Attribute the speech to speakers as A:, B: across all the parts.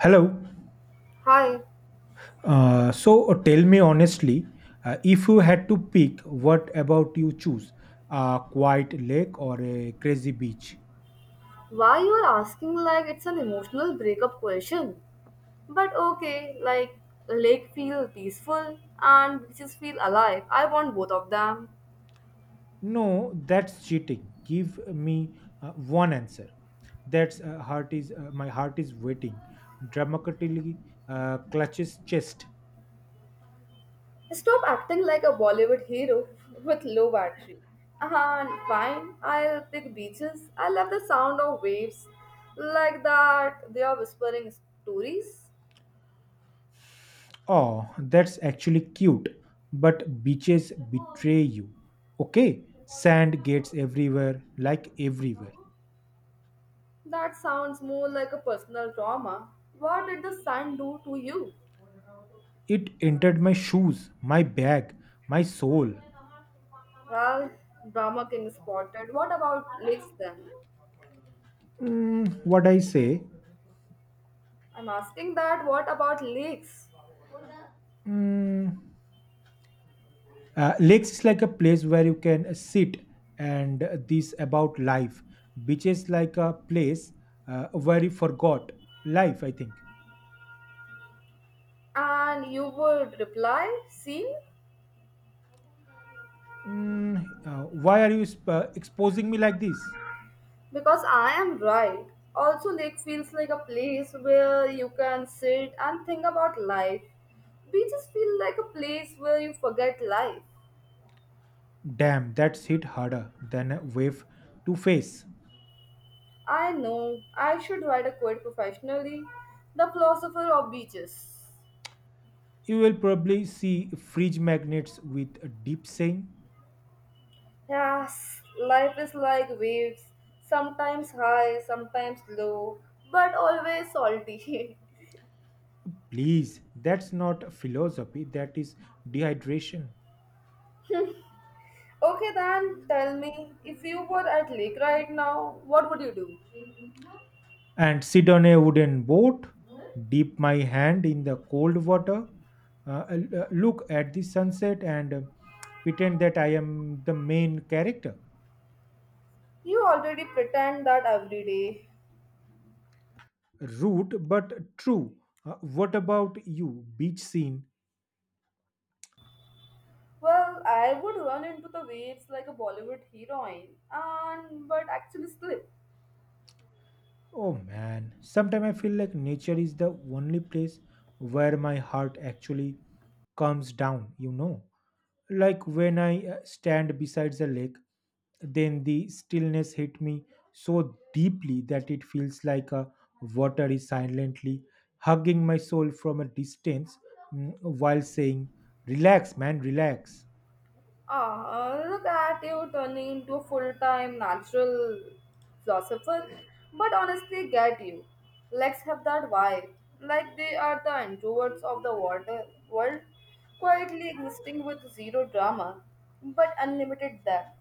A: Hello.
B: Hi,
A: Tell me honestly, if you had to pick, what about you choose? A quiet lake or a crazy beach?
B: why you are asking like it's an emotional breakup question? But okay, like lake feel peaceful and beaches feel alive. I want both of them.
A: No, that's cheating. Give me one answer. That's heart is my heart is waiting. Dramatically clutches chest.
B: Stop acting like a Bollywood hero with low battery. And fine, I'll pick beaches. I love the sound of waves. Like that, they are whispering stories.
A: Oh, that's actually cute. But beaches betray you. Okay, sand gets everywhere, like everywhere.
B: That sounds more like a personal trauma. What did the sun do to you?
A: It entered my shoes, my bag, my soul.
B: Well, drama king spotted. What about leaks then?
A: What I say?
B: I'm asking that what about leaks?
A: Mm, lakes is like a place where you can sit and this about life. Beaches like a place where you forgot life, I think.
B: And you would reply, see?
A: Why are you exposing me like this?
B: Because I am right. Also, lake feels like a place where you can sit and think about life. Beaches feel like a place where you forget life.
A: Damn, that's hit harder than a wave to face.
B: I know I should write a quote professionally. The philosopher of beaches.
A: You will probably see fridge magnets with a deep saying.
B: Yes, life is like waves, sometimes high, sometimes low, but always salty.
A: Please, that's not philosophy, that is dehydration.
B: Okay, then tell me, if you were at lake right now, what would you do?
A: And sit on a wooden boat, dip my hand in the cold water, look at the sunset, and pretend that I am the main character.
B: You already pretend that every day.
A: Rude but true. What about you? Beach scene,
B: Well, I would run into the waves like a Bollywood heroine, and but actually slip.
A: oh man, sometimes I feel like nature is the only place where my heart actually calms down, you know. Like when I stand beside the lake, then the stillness hit me so deeply that it feels like a water is silently hugging my soul from a distance, while saying, "Relax, man, relax."
B: Ah, look at you turning into a full-time natural philosopher. But honestly, get you. Legs have that vibe, like they are the introverts of the water world, quietly existing with zero drama, but unlimited depth.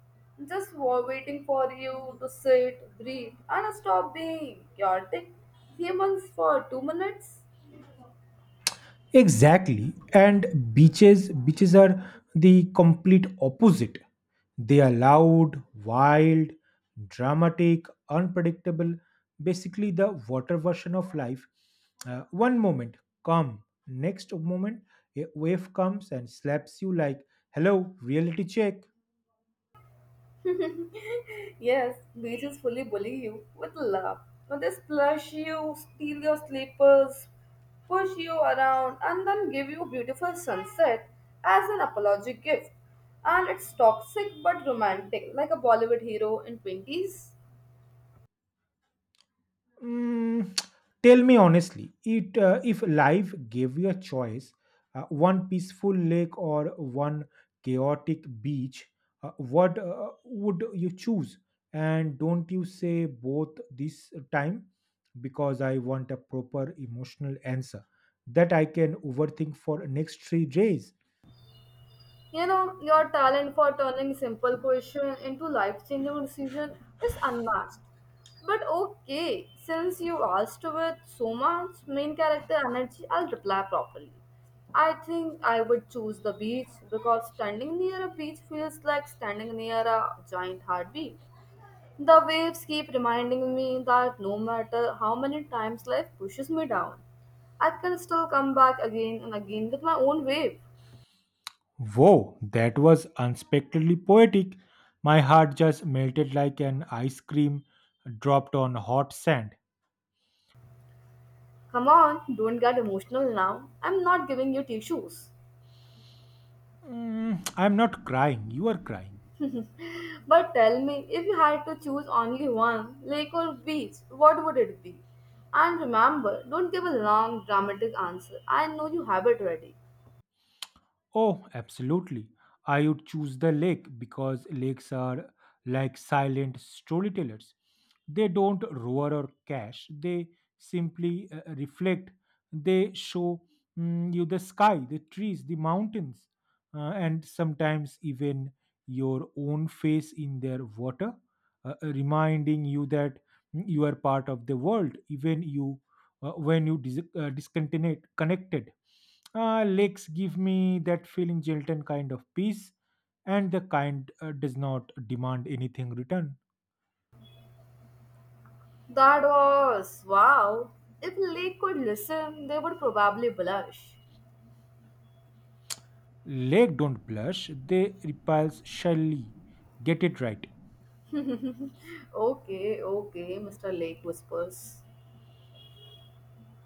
B: Just waiting for you to sit, breathe, and stop being chaotic humans for 2 minutes.
A: Exactly. And beaches are the complete opposite. They are loud, wild, dramatic, unpredictable, basically the water version of life. One moment calm, next moment a wave comes and slaps you like, "Hello, reality check."
B: Yes, beaches fully bully you with love. Now they splash you, steal your slippers, push you around, and then give you beautiful sunset as an apology gift. And it's toxic but romantic, like a Bollywood hero in 20s.
A: Mm, tell me honestly, it if life gave you a choice, one peaceful lake or one chaotic beach, what would you choose? And don't you say both this time because I want a proper emotional answer that I can overthink for next 3 days.
B: You know, your talent for turning simple question into life-changing decision is unmatched. But okay, since you asked with so much main character energy, I'll reply properly. I think I would choose the beach because standing near a beach feels like standing near a giant heartbeat. The waves keep reminding me that no matter how many times life pushes me down, I can still come back again and again with my own wave.
A: Whoa, that was unexpectedly poetic. My heart just melted like an ice cream dropped on hot sand.
B: Come on, don't get emotional now. I'm not giving you tissues.
A: I'm not crying. You are crying.
B: But tell me, if you had to choose only one, lake or beach, what would it be? And remember, don't give a long, dramatic answer. I know you have it ready.
A: Oh, absolutely. I would choose the lake because lakes are like silent storytellers. They don't roar or cash, they simply reflect. They show you the sky, the trees, the mountains, and sometimes even your own face in their water, reminding you that you are part of the world, even you when you discontinue connected. Lakes give me that feeling, Chilton kind of peace, and the kind does not demand anything return.
B: That was wow. If Lake could listen, they would probably blush.
A: Lake don't blush; they repulse shyly. Get it right.
B: Okay, okay, Mr. Lake whispers.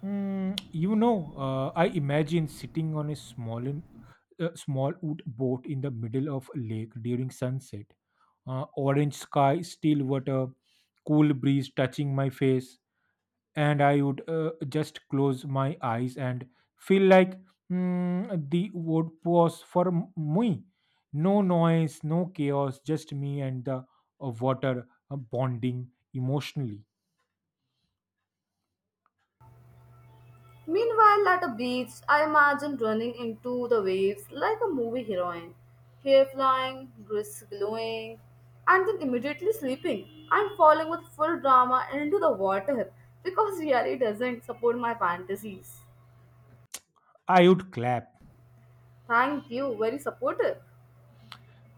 A: Mm, you know, I imagine sitting on a small wood boat in the middle of a lake during sunset. Orange sky, still water, cool breeze touching my face, and I would just close my eyes and feel like, the wood was for me. No noise, no chaos, just me and the water bonding emotionally.
B: Meanwhile, at a beach, I imagine running into the waves like a movie heroine, hair flying, dress glowing, and then immediately sleeping and falling with full drama into the water because reality doesn't support my fantasies.
A: I would clap.
B: Thank you, very supportive.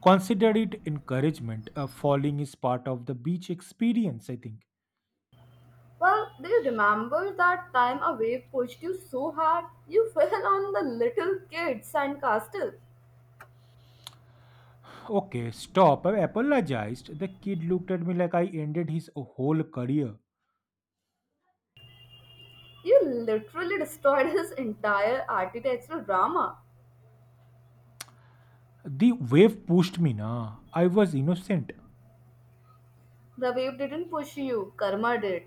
A: Consider it encouragement. Falling is part of the beach experience, I think.
B: Well, do you remember that time a wave pushed you so hard you fell on the little kid sandcastle?
A: Okay, stop. I apologized. The kid looked at me like I ended his whole career.
B: You literally destroyed his entire architectural drama.
A: The wave pushed me, na. I was innocent.
B: The wave didn't push you, karma did.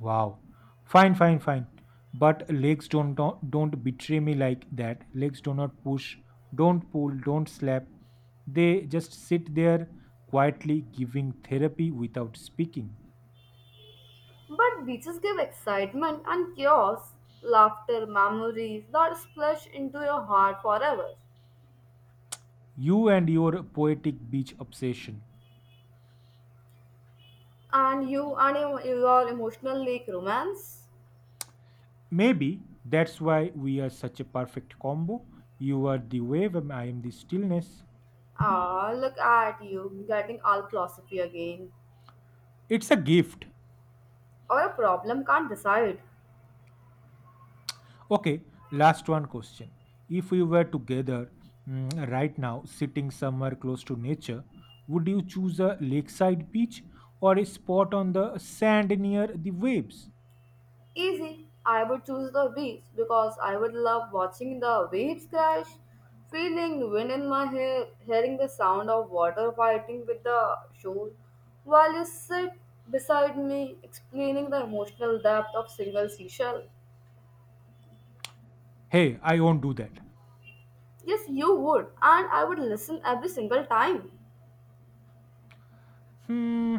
A: Wow. Fine, fine, fine. But legs don't betray me like that. Legs do not push, don't pull, don't slap. They just sit there quietly giving therapy without speaking.
B: But beaches give excitement and chaos, laughter, memories that splash into your heart forever.
A: You and your poetic beach obsession.
B: And you and your emotional lake romance?
A: Maybe that's why we are such a perfect combo. You are the wave and I am the stillness.
B: Ah, look at you, getting all philosophy again.
A: It's a gift.
B: Our problem can't decide.
A: Okay, last one question. If we were together, right now, sitting somewhere close to nature, would you choose a lakeside beach or a spot on the sand near the waves?
B: Easy. I would choose the beach because I would love watching the waves crash, feeling wind in my hair, hearing the sound of water fighting with the shore, while you sit beside me explaining the emotional depth of single seashell.
A: Hey, I won't do that.
B: Yes, you would, and I would listen every single time.
A: Hmm,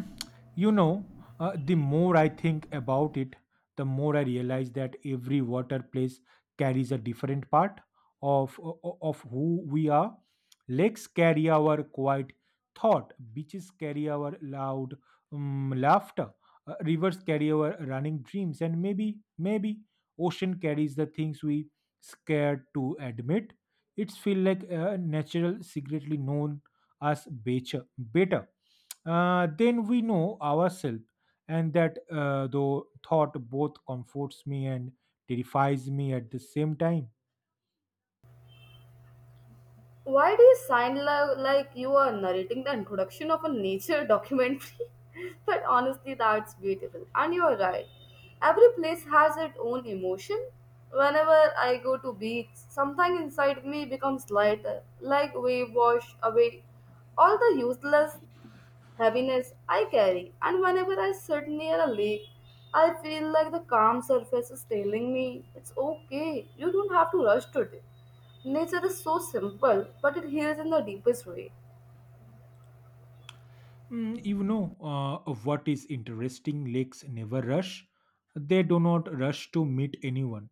A: you know, the more I think about it, the more I realize that every water place carries a different part of of who we are. Lakes carry our quiet thought. Beaches carry our loud laughter. Rivers carry our running dreams, and maybe ocean carries the things we scared to admit. It's feel like a natural secretly known as better. Better then we know ourselves, and that thought both comforts me and terrifies me at the same time.
B: Why do you sound like you are narrating the introduction of a nature documentary? But honestly, that's beautiful. And you're right. Every place has its own emotion. Whenever I go to beach, something inside me becomes lighter, like wave wash away all the useless heaviness I carry, and whenever I sit near a lake, I feel like the calm surface is telling me it's okay, you don't have to rush today. Nature is so simple, but it heals in the deepest way.
A: What is interesting, lakes never rush, they do not rush to meet anyone,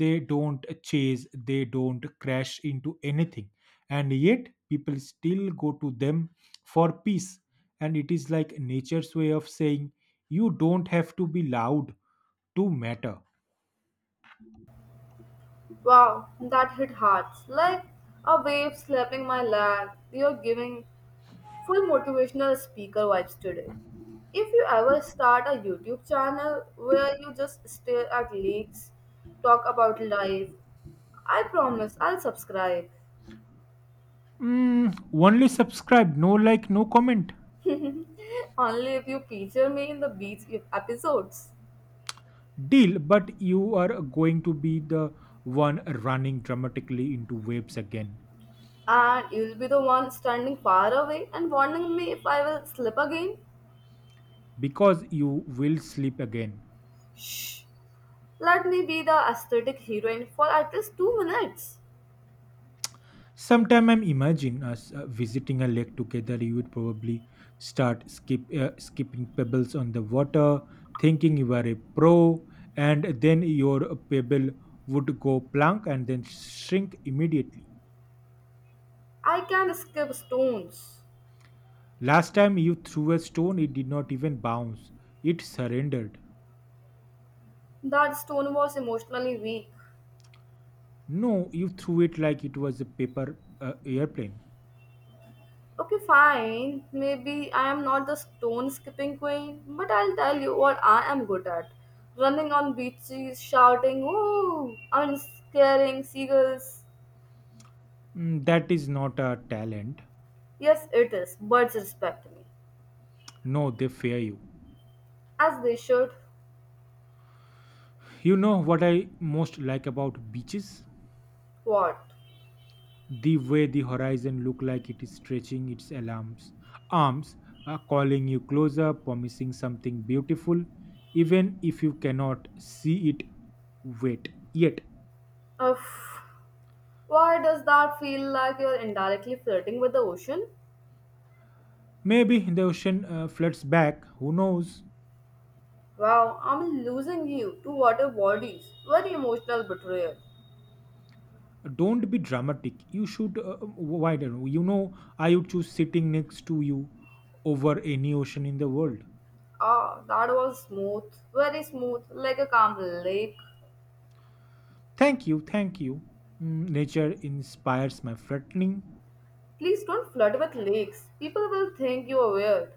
A: they don't chase, they don't crash into anything, and yet people still go to them for peace, and it is like nature's way of saying you don't have to be loud to matter.
B: Wow, that hit hearts like a wave slapping my leg. You're giving full motivational speaker vibes today. If you ever start a YouTube channel where you just stare at lakes, talk about life, I promise I'll subscribe.
A: Only subscribe, no like, no comment.
B: Only if you feature me in the beach episodes.
A: Deal, but you are going to be the one running dramatically into waves again
B: And you'll be the one standing far away and warning me if I will slip again.
A: because you will sleep again.
B: Let me be the aesthetic heroine for at least 2 minutes.
A: Sometime I'm imagine us visiting a lake together. You would probably start skipping pebbles on the water, thinking you are a pro, and then your pebble would go plank and then shrink immediately.
B: I can skip stones.
A: Last time you threw a stone, it did not even bounce. It surrendered.
B: That stone was emotionally weak.
A: No, you threw it like it was a paper airplane.
B: Okay, fine. Maybe I am not the stone skipping queen, but I'll tell you what I am good at. Running on beaches, shouting, ooh, and scaring seagulls.
A: That is not a talent.
B: Yes, it is. Birds respect me.
A: No, they fear you.
B: As they should.
A: You know what I most like about beaches?
B: What?
A: The way the horizon look like it is stretching its arms, calling you closer, promising something beautiful, even if you cannot see it. Wait, yet
B: Uff. Why does that feel like you're indirectly flirting with the ocean?
A: maybe the ocean floods back. Who knows?
B: Wow, I'm losing you to water bodies. Very emotional betrayal.
A: Don't be dramatic, you should widen, you know, I would choose sitting next to you over any ocean in the world.
B: Ah, that was smooth. Very smooth, like a calm lake.
A: Thank you, thank you. Nature inspires my threatening.
B: Please don't flirt with lakes. People will think you are weird.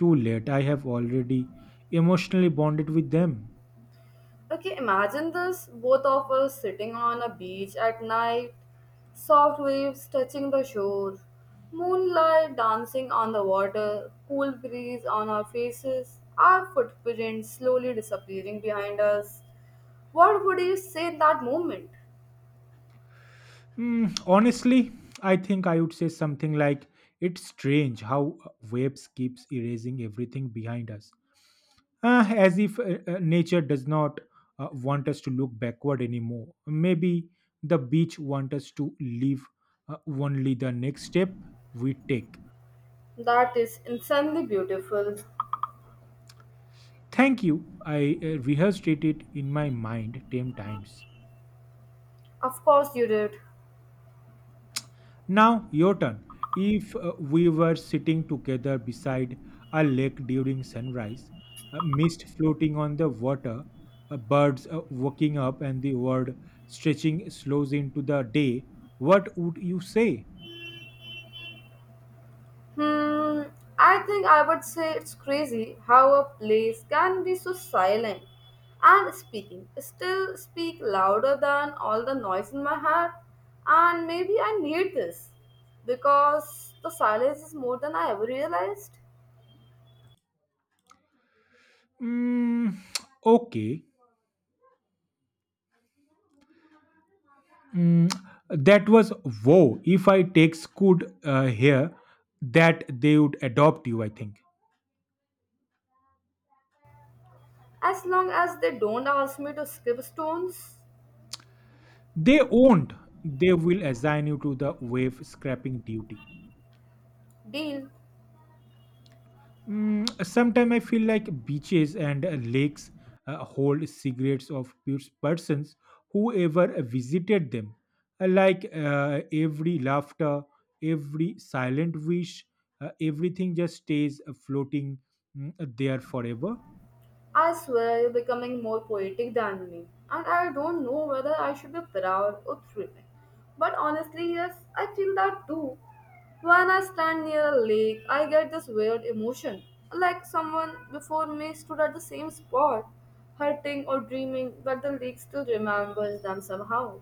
A: Too late, I have already emotionally bonded with them.
B: Okay, imagine this both of us sitting on a beach at night, soft waves touching the shore, moonlight dancing on the water, cool breeze on our faces, our footprints slowly disappearing behind us. What would you say in that moment?
A: Honestly, I think I would say something like, it's strange how waves keeps erasing everything behind us, as if nature does not want us to look backward anymore. Maybe the beach wants us to live only the next step we take.
B: That is insanely beautiful.
A: Thank you. I rehearsed it in my mind 10 times.
B: Of course, you did.
A: Now, your turn. If we were sitting together beside a lake during sunrise, mist floating on the water, birds waking up, and the world stretching slows into the day, what would you say?
B: Hmm, I think I would say it's crazy how a place can be so silent and speaking still speak louder than all the noise in my head. And maybe I need this because the silence is more than I ever realized.
A: Mm, okay. Mm, that was wow. If I take Scoot here, that they would adopt you, I think.
B: As long as they don't ask me to skip stones,
A: They won't. They will assign you to the wave scrapping duty.
B: deal.
A: Sometimes I feel like beaches and lakes hold secrets of pure persons who ever visited them. Like every laughter, every silent wish, everything just stays floating, there forever.
B: I swear you're becoming more poetic than me, and I don't know whether I should be proud or thrilled. But honestly, yes, I feel that too. When I stand near a lake, I get this weird emotion, like someone before me stood at the same spot, hurting or dreaming, but the lake still remembers them somehow.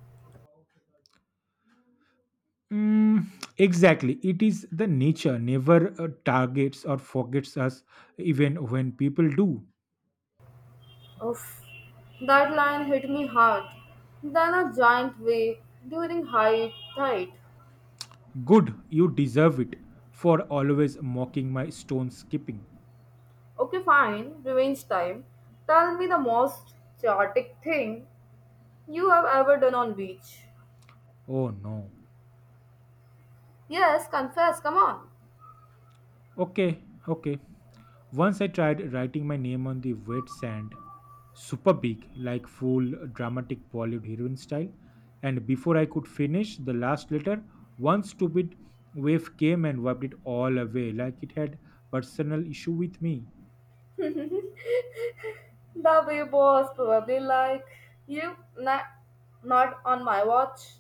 A: Mm, exactly. It is the nature never targets or forgets us, even when people do.
B: Oof, that line hit me hard. Then a giant wave during high tide.
A: Good, you deserve it for always mocking my stone skipping.
B: Okay, fine, revenge time. Tell me the most chaotic thing you have ever done on beach.
A: Oh no.
B: Yes, confess, come on.
A: Okay, okay. Once I tried writing my name on the wet sand, super big, like full dramatic Bollywood heroine style. And before I could finish the last letter, one stupid wave came and wiped it all away, like it had personal issue with me.
B: The wave was probably like, you, na, not on my watch.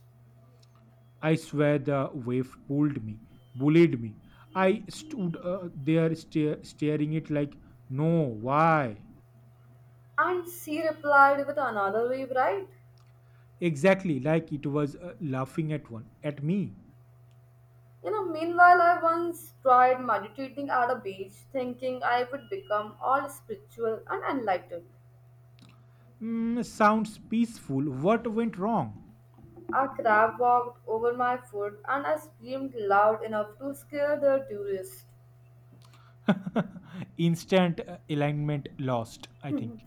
A: I swear the wave pulled me, bullied me. I stood there stare staring it like, no, why?
B: And she replied with another wave, right?
A: Exactly, like it was laughing at one, at me.
B: You know, meanwhile, I once tried meditating at a beach, thinking I would become all spiritual and enlightened.
A: Sounds peaceful. What went wrong?
B: A crab walked over my foot, and I screamed loud enough to scare the tourists.
A: Instant alignment lost, I think.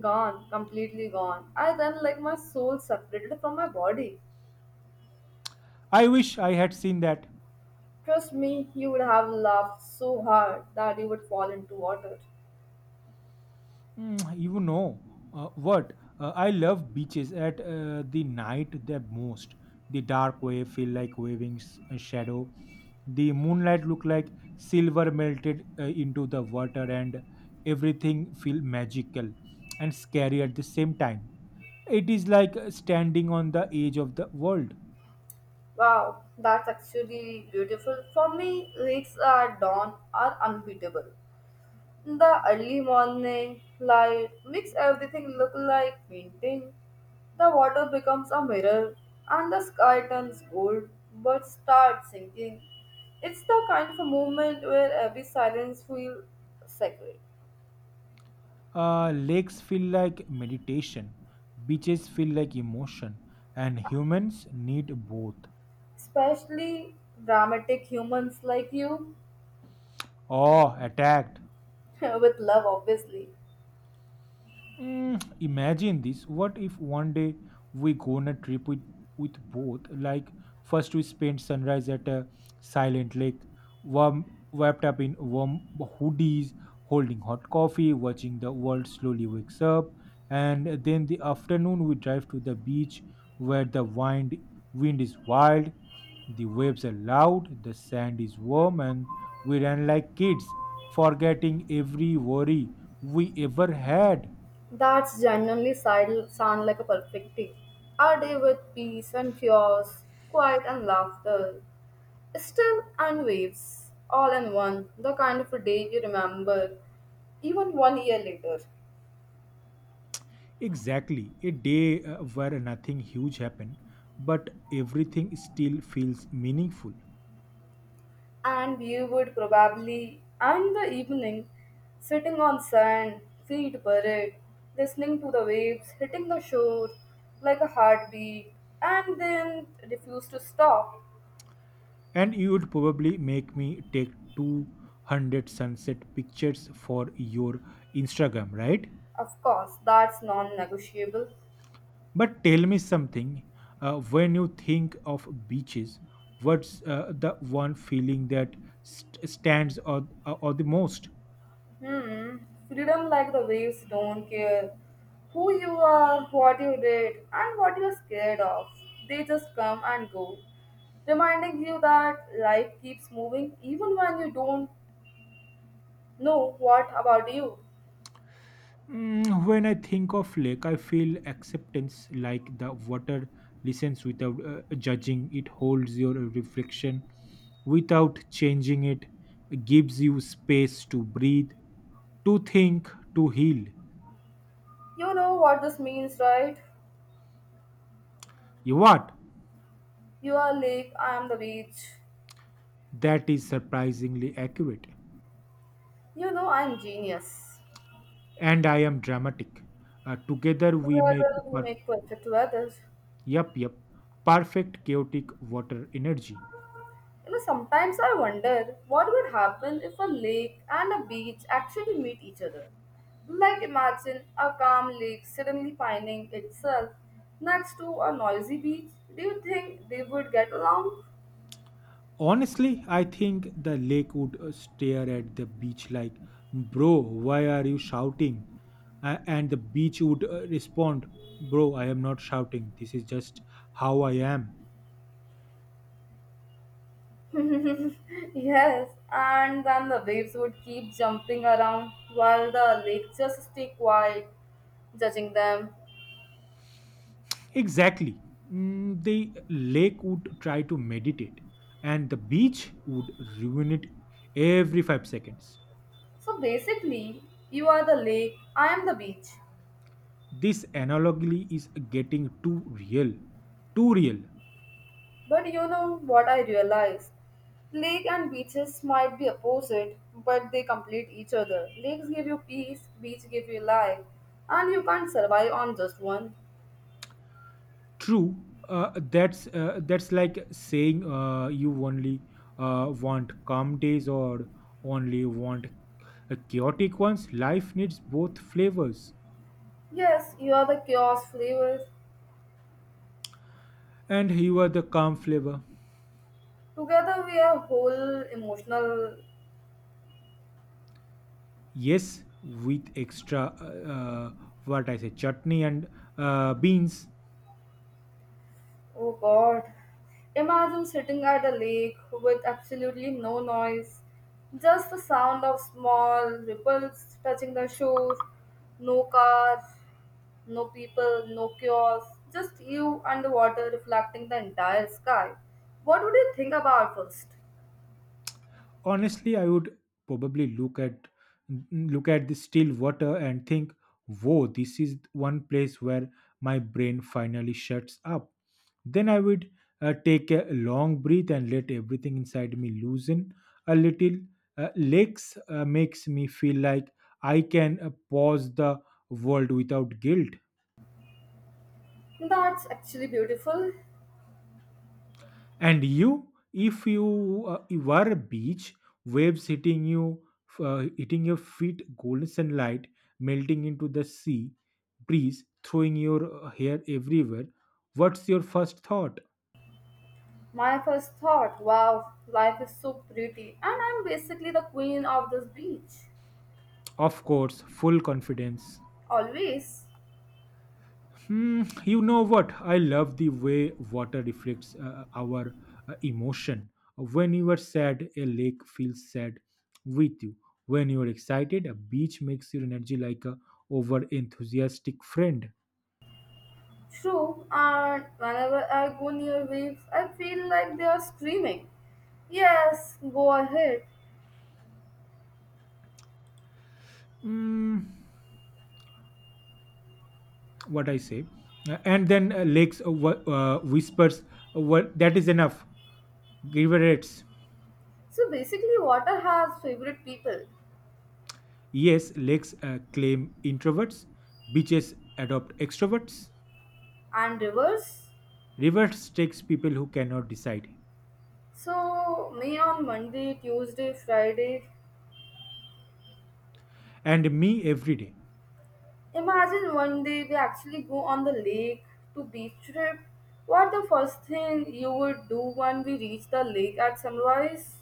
B: Gone, completely gone. I then like my soul separated from my body.
A: I wish I had seen that.
B: Trust me, you would have laughed so hard that you would fall into water.
A: Mm, you know what? I love beaches at the night the most. The dark wave feel like waving a shadow. The moonlight look like silver melted into the water, and everything feel magical and scary at the same time. It is like standing on the edge of the world.
B: Wow, that's actually beautiful. For me, lakes at dawn are unbeatable. The early morning light makes everything look like painting. The water becomes a mirror and the sky turns gold but starts sinking. It's the kind of a moment where every silence feels sacred,
A: Lakes feel like meditation, beaches feel like emotion, and humans need both.
B: especially dramatic humans like you,
A: Oh, attacked.
B: with love, obviously.
A: Imagine this. What if one day we go on a trip with both? Like first we spend sunrise at a silent lake, warm wrapped up in warm hoodies, holding hot coffee, watching the world slowly wakes up, and then the afternoon we drive to the beach where the wind is wild, the waves are loud, the sand is warm, and we run like kids, forgetting every worry we ever had.
B: That's genuinely sound like a perfect day. A day with peace and chaos, quiet and laughter. Still and waves, all in one, the kind of a day you remember even one year later.
A: Exactly. A day where nothing huge happened, but everything still feels meaningful.
B: And you would probably end the evening sitting on sand, feet buried, listening to the waves hitting the shore like a heartbeat, and then refuse to stop.
A: And you would probably make me take 200 sunset pictures for your Instagram, right?
B: Of course, that's non negotiable.
A: But tell me something. When you think of beaches, what's the one feeling that stands out or the most?
B: Hmm. Freedom like the waves don't care who you are, what you did, and what you're scared of. They just come and go, reminding you that life keeps moving even when you don't know what about you.
A: When I think of lake, I feel acceptance like the water listens without judging. It holds your reflection without changing it. It gives you space to breathe, to think, to heal.
B: You know what this means, right?
A: You what?
B: You are lake, I am the beach.
A: That is surprisingly accurate.
B: You know I'm genius.
A: And I am dramatic. Together we make
B: Together we make perfect weather.
A: yep, yep, perfect chaotic water energy.
B: You know, sometimes I wonder what would happen if a lake and a beach actually meet each other. Like imagine a calm lake suddenly finding itself next to a noisy beach. Do you think they would get along?
A: Honestly, I think the lake would stare at the beach like, "Bro, why are you shouting?" And the beach would respond, "Bro, I am not shouting. This is just how I am."
B: Yes, and then the waves would keep jumping around while the lake just stay quiet, judging them.
A: Exactly. The lake would try to meditate, and the beach would ruin it every 5 seconds.
B: So basically, you are the lake, I am the beach.
A: This analogy is getting too real. Too real.
B: But you know what I realize? Lake and beaches might be opposite, but they complete each other. Lakes give you peace, beach give you life, and you can't survive on just one.
A: True. That's like saying you only want calm days or only want chaotic ones. Life needs both flavors,
B: Yes, you are the chaos flavors.
A: and you are the calm flavor.
B: Together we are whole emotional.
A: Yes, with extra what I say, chutney and beans.
B: Oh God. Imagine sitting at a lake with absolutely no noise, just the sound of small ripples touching the shore, no cars, no people, no kiosks, just you underwater reflecting the entire sky. What would you think about first?
A: Honestly, I would probably look at the still water and think, "Whoa, this is one place where my brain finally shuts up." Then I would take a long breath and let everything inside me loosen a little. Lakes makes me feel like I can pause the world without guilt.
B: That's actually beautiful.
A: And you, if you, you were a beach, waves hitting you, hitting your feet, golden sunlight melting into the sea, breeze throwing your hair everywhere. What's your first thought?
B: My first thought, wow, life is so pretty, and I'm basically the queen of this beach.
A: Of course, full confidence.
B: Always.
A: You know what? I love the way water reflects our emotion. When you are sad, a lake feels sad with you. When you are excited, a beach makes your energy like a over enthusiastic friend.
B: True, and whenever I go near waves, I feel like they are screaming. Yes, go ahead.
A: Mm, what I say? And then Lakes whispers, what that is enough. Riverates.
B: So basically, water has favorite people
A: Yes, lakes claim introverts. Beaches adopt extroverts.
B: and rivers.
A: Rivers takes people who cannot decide.
B: So me on Monday, Tuesday, Friday.
A: And me every day.
B: Imagine one day we actually go on the lake to beach trip. What the first thing you would do when we reach the lake at sunrise?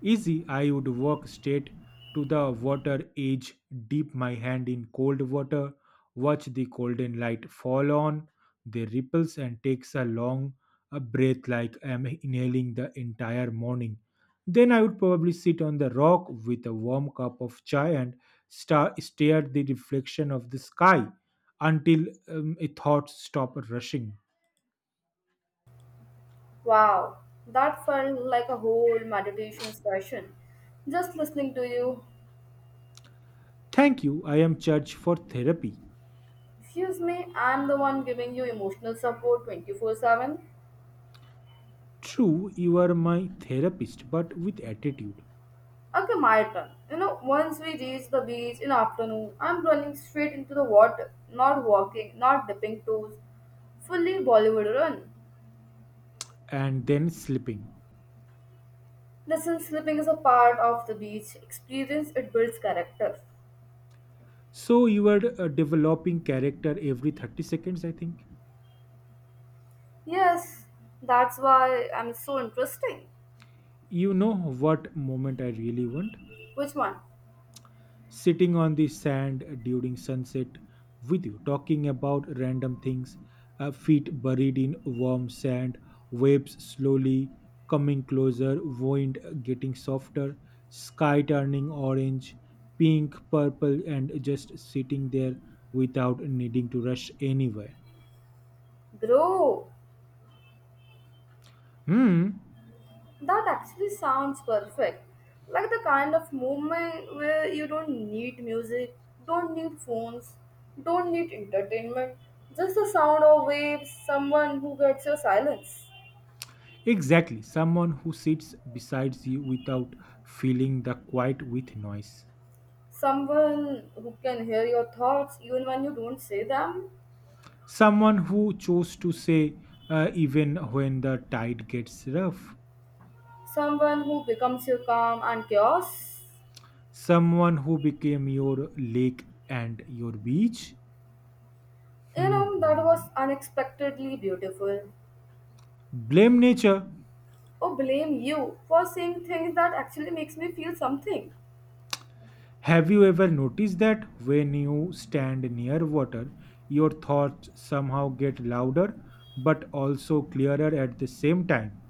A: Easy, I would walk straight to the water edge, dip my hand in cold water, watch the golden light fall on the ripples, and takes a breath like I am inhaling the entire morning. Then I would probably sit on the rock with a warm cup of chai and stare at the reflection of the sky until a thought stop rushing.
B: Wow, that felt like a whole meditation session. Just listening to you.
A: Thank you. I am Church for therapy.
B: Excuse me, I'm the one giving you emotional support 24/7.
A: True, you are my therapist, but with attitude
B: Okay, my turn. You know, once we reached the beach in the afternoon, I'm running straight into the water, not walking, not dipping toes, fully Bollywood run.
A: and then slipping.
B: Listen, slipping is a part of the beach experience, it builds character.
A: So you are developing character every 30 seconds, I think.
B: Yes, that's why I'm so interesting.
A: You know what moment I really want?
B: Which one?
A: Sitting on the sand during sunset with you, talking about random things, feet buried in warm sand, waves slowly coming closer, wind getting softer, sky turning orange, pink, purple, and just sitting there without needing to rush anywhere.
B: Bro,
A: Hmm.
B: that actually sounds perfect. Like the kind of movement where you don't need music, don't need phones, don't need entertainment. Just the sound of waves, someone who gets your silence,
A: Exactly. Someone who sits beside you without filling the quiet with noise.
B: someone who can hear your thoughts even when you don't say them,
A: Someone who chose to say even when the tide gets rough.
B: someone who becomes your calm and chaos.
A: Someone who became your lake and your beach.
B: You know, that
A: Hmm.
B: was unexpectedly beautiful.
A: Blame nature.
B: Oh, blame you for saying things that actually makes me feel something.
A: Have you ever noticed that when you stand near water, your thoughts somehow get louder but also clearer at the same time?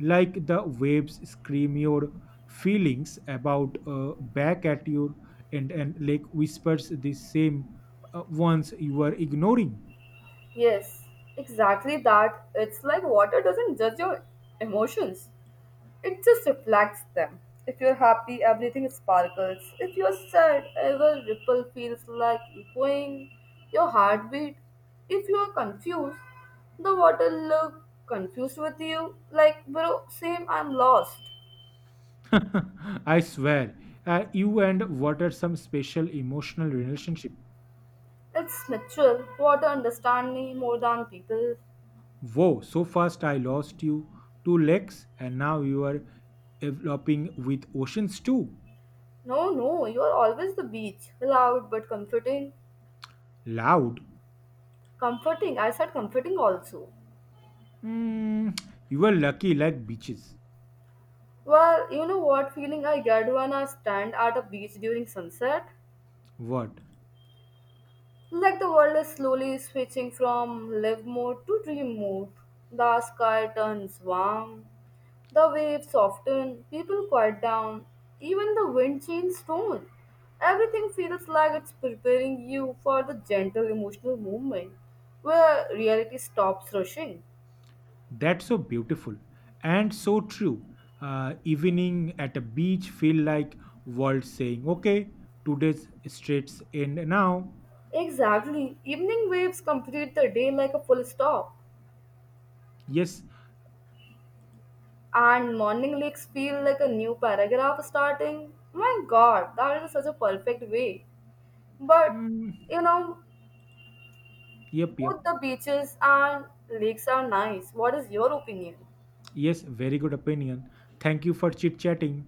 A: Like the waves scream your feelings about back at you and like whispers the same ones you were ignoring.
B: Yes, exactly that. It's like water doesn't judge your emotions, it just reflects them. If you're happy, everything sparkles. If you're sad, every ripple feels like echoing your heartbeat. If you're confused, the water look confused with you, like, bro, same, I'm lost.
A: I swear, you and what are some special emotional relationship.
B: It's natural. Water understand me more than people.
A: Whoa, so fast I lost you two legs and now you are developing with oceans too.
B: No, no, you're always the beach, loud but comforting.
A: Loud.
B: Comforting, I said comforting also.
A: Mm, you were lucky like beaches.
B: Well, you know what feeling I get when I stand at a beach during sunset?
A: What?
B: Like the world is slowly switching from live mode to dream mode. The sky turns warm, the waves soften, people quiet down, even the wind changes tone. Everything feels like it's preparing you for the gentle emotional movement where reality stops rushing.
A: That's so beautiful and so true. Evening at a beach feel like world saying, "Okay, today's straits end now."
B: Exactly, evening waves complete the day like a full stop.
A: Yes.
B: And morning leaks feel like a new paragraph starting. My god, that is such a perfect way. But
A: Mm,
B: you know,
A: yep. Yep.
B: both the beaches and lakes are nice. What is your opinion?
A: Yes. Very good opinion. Thank you for chit chatting.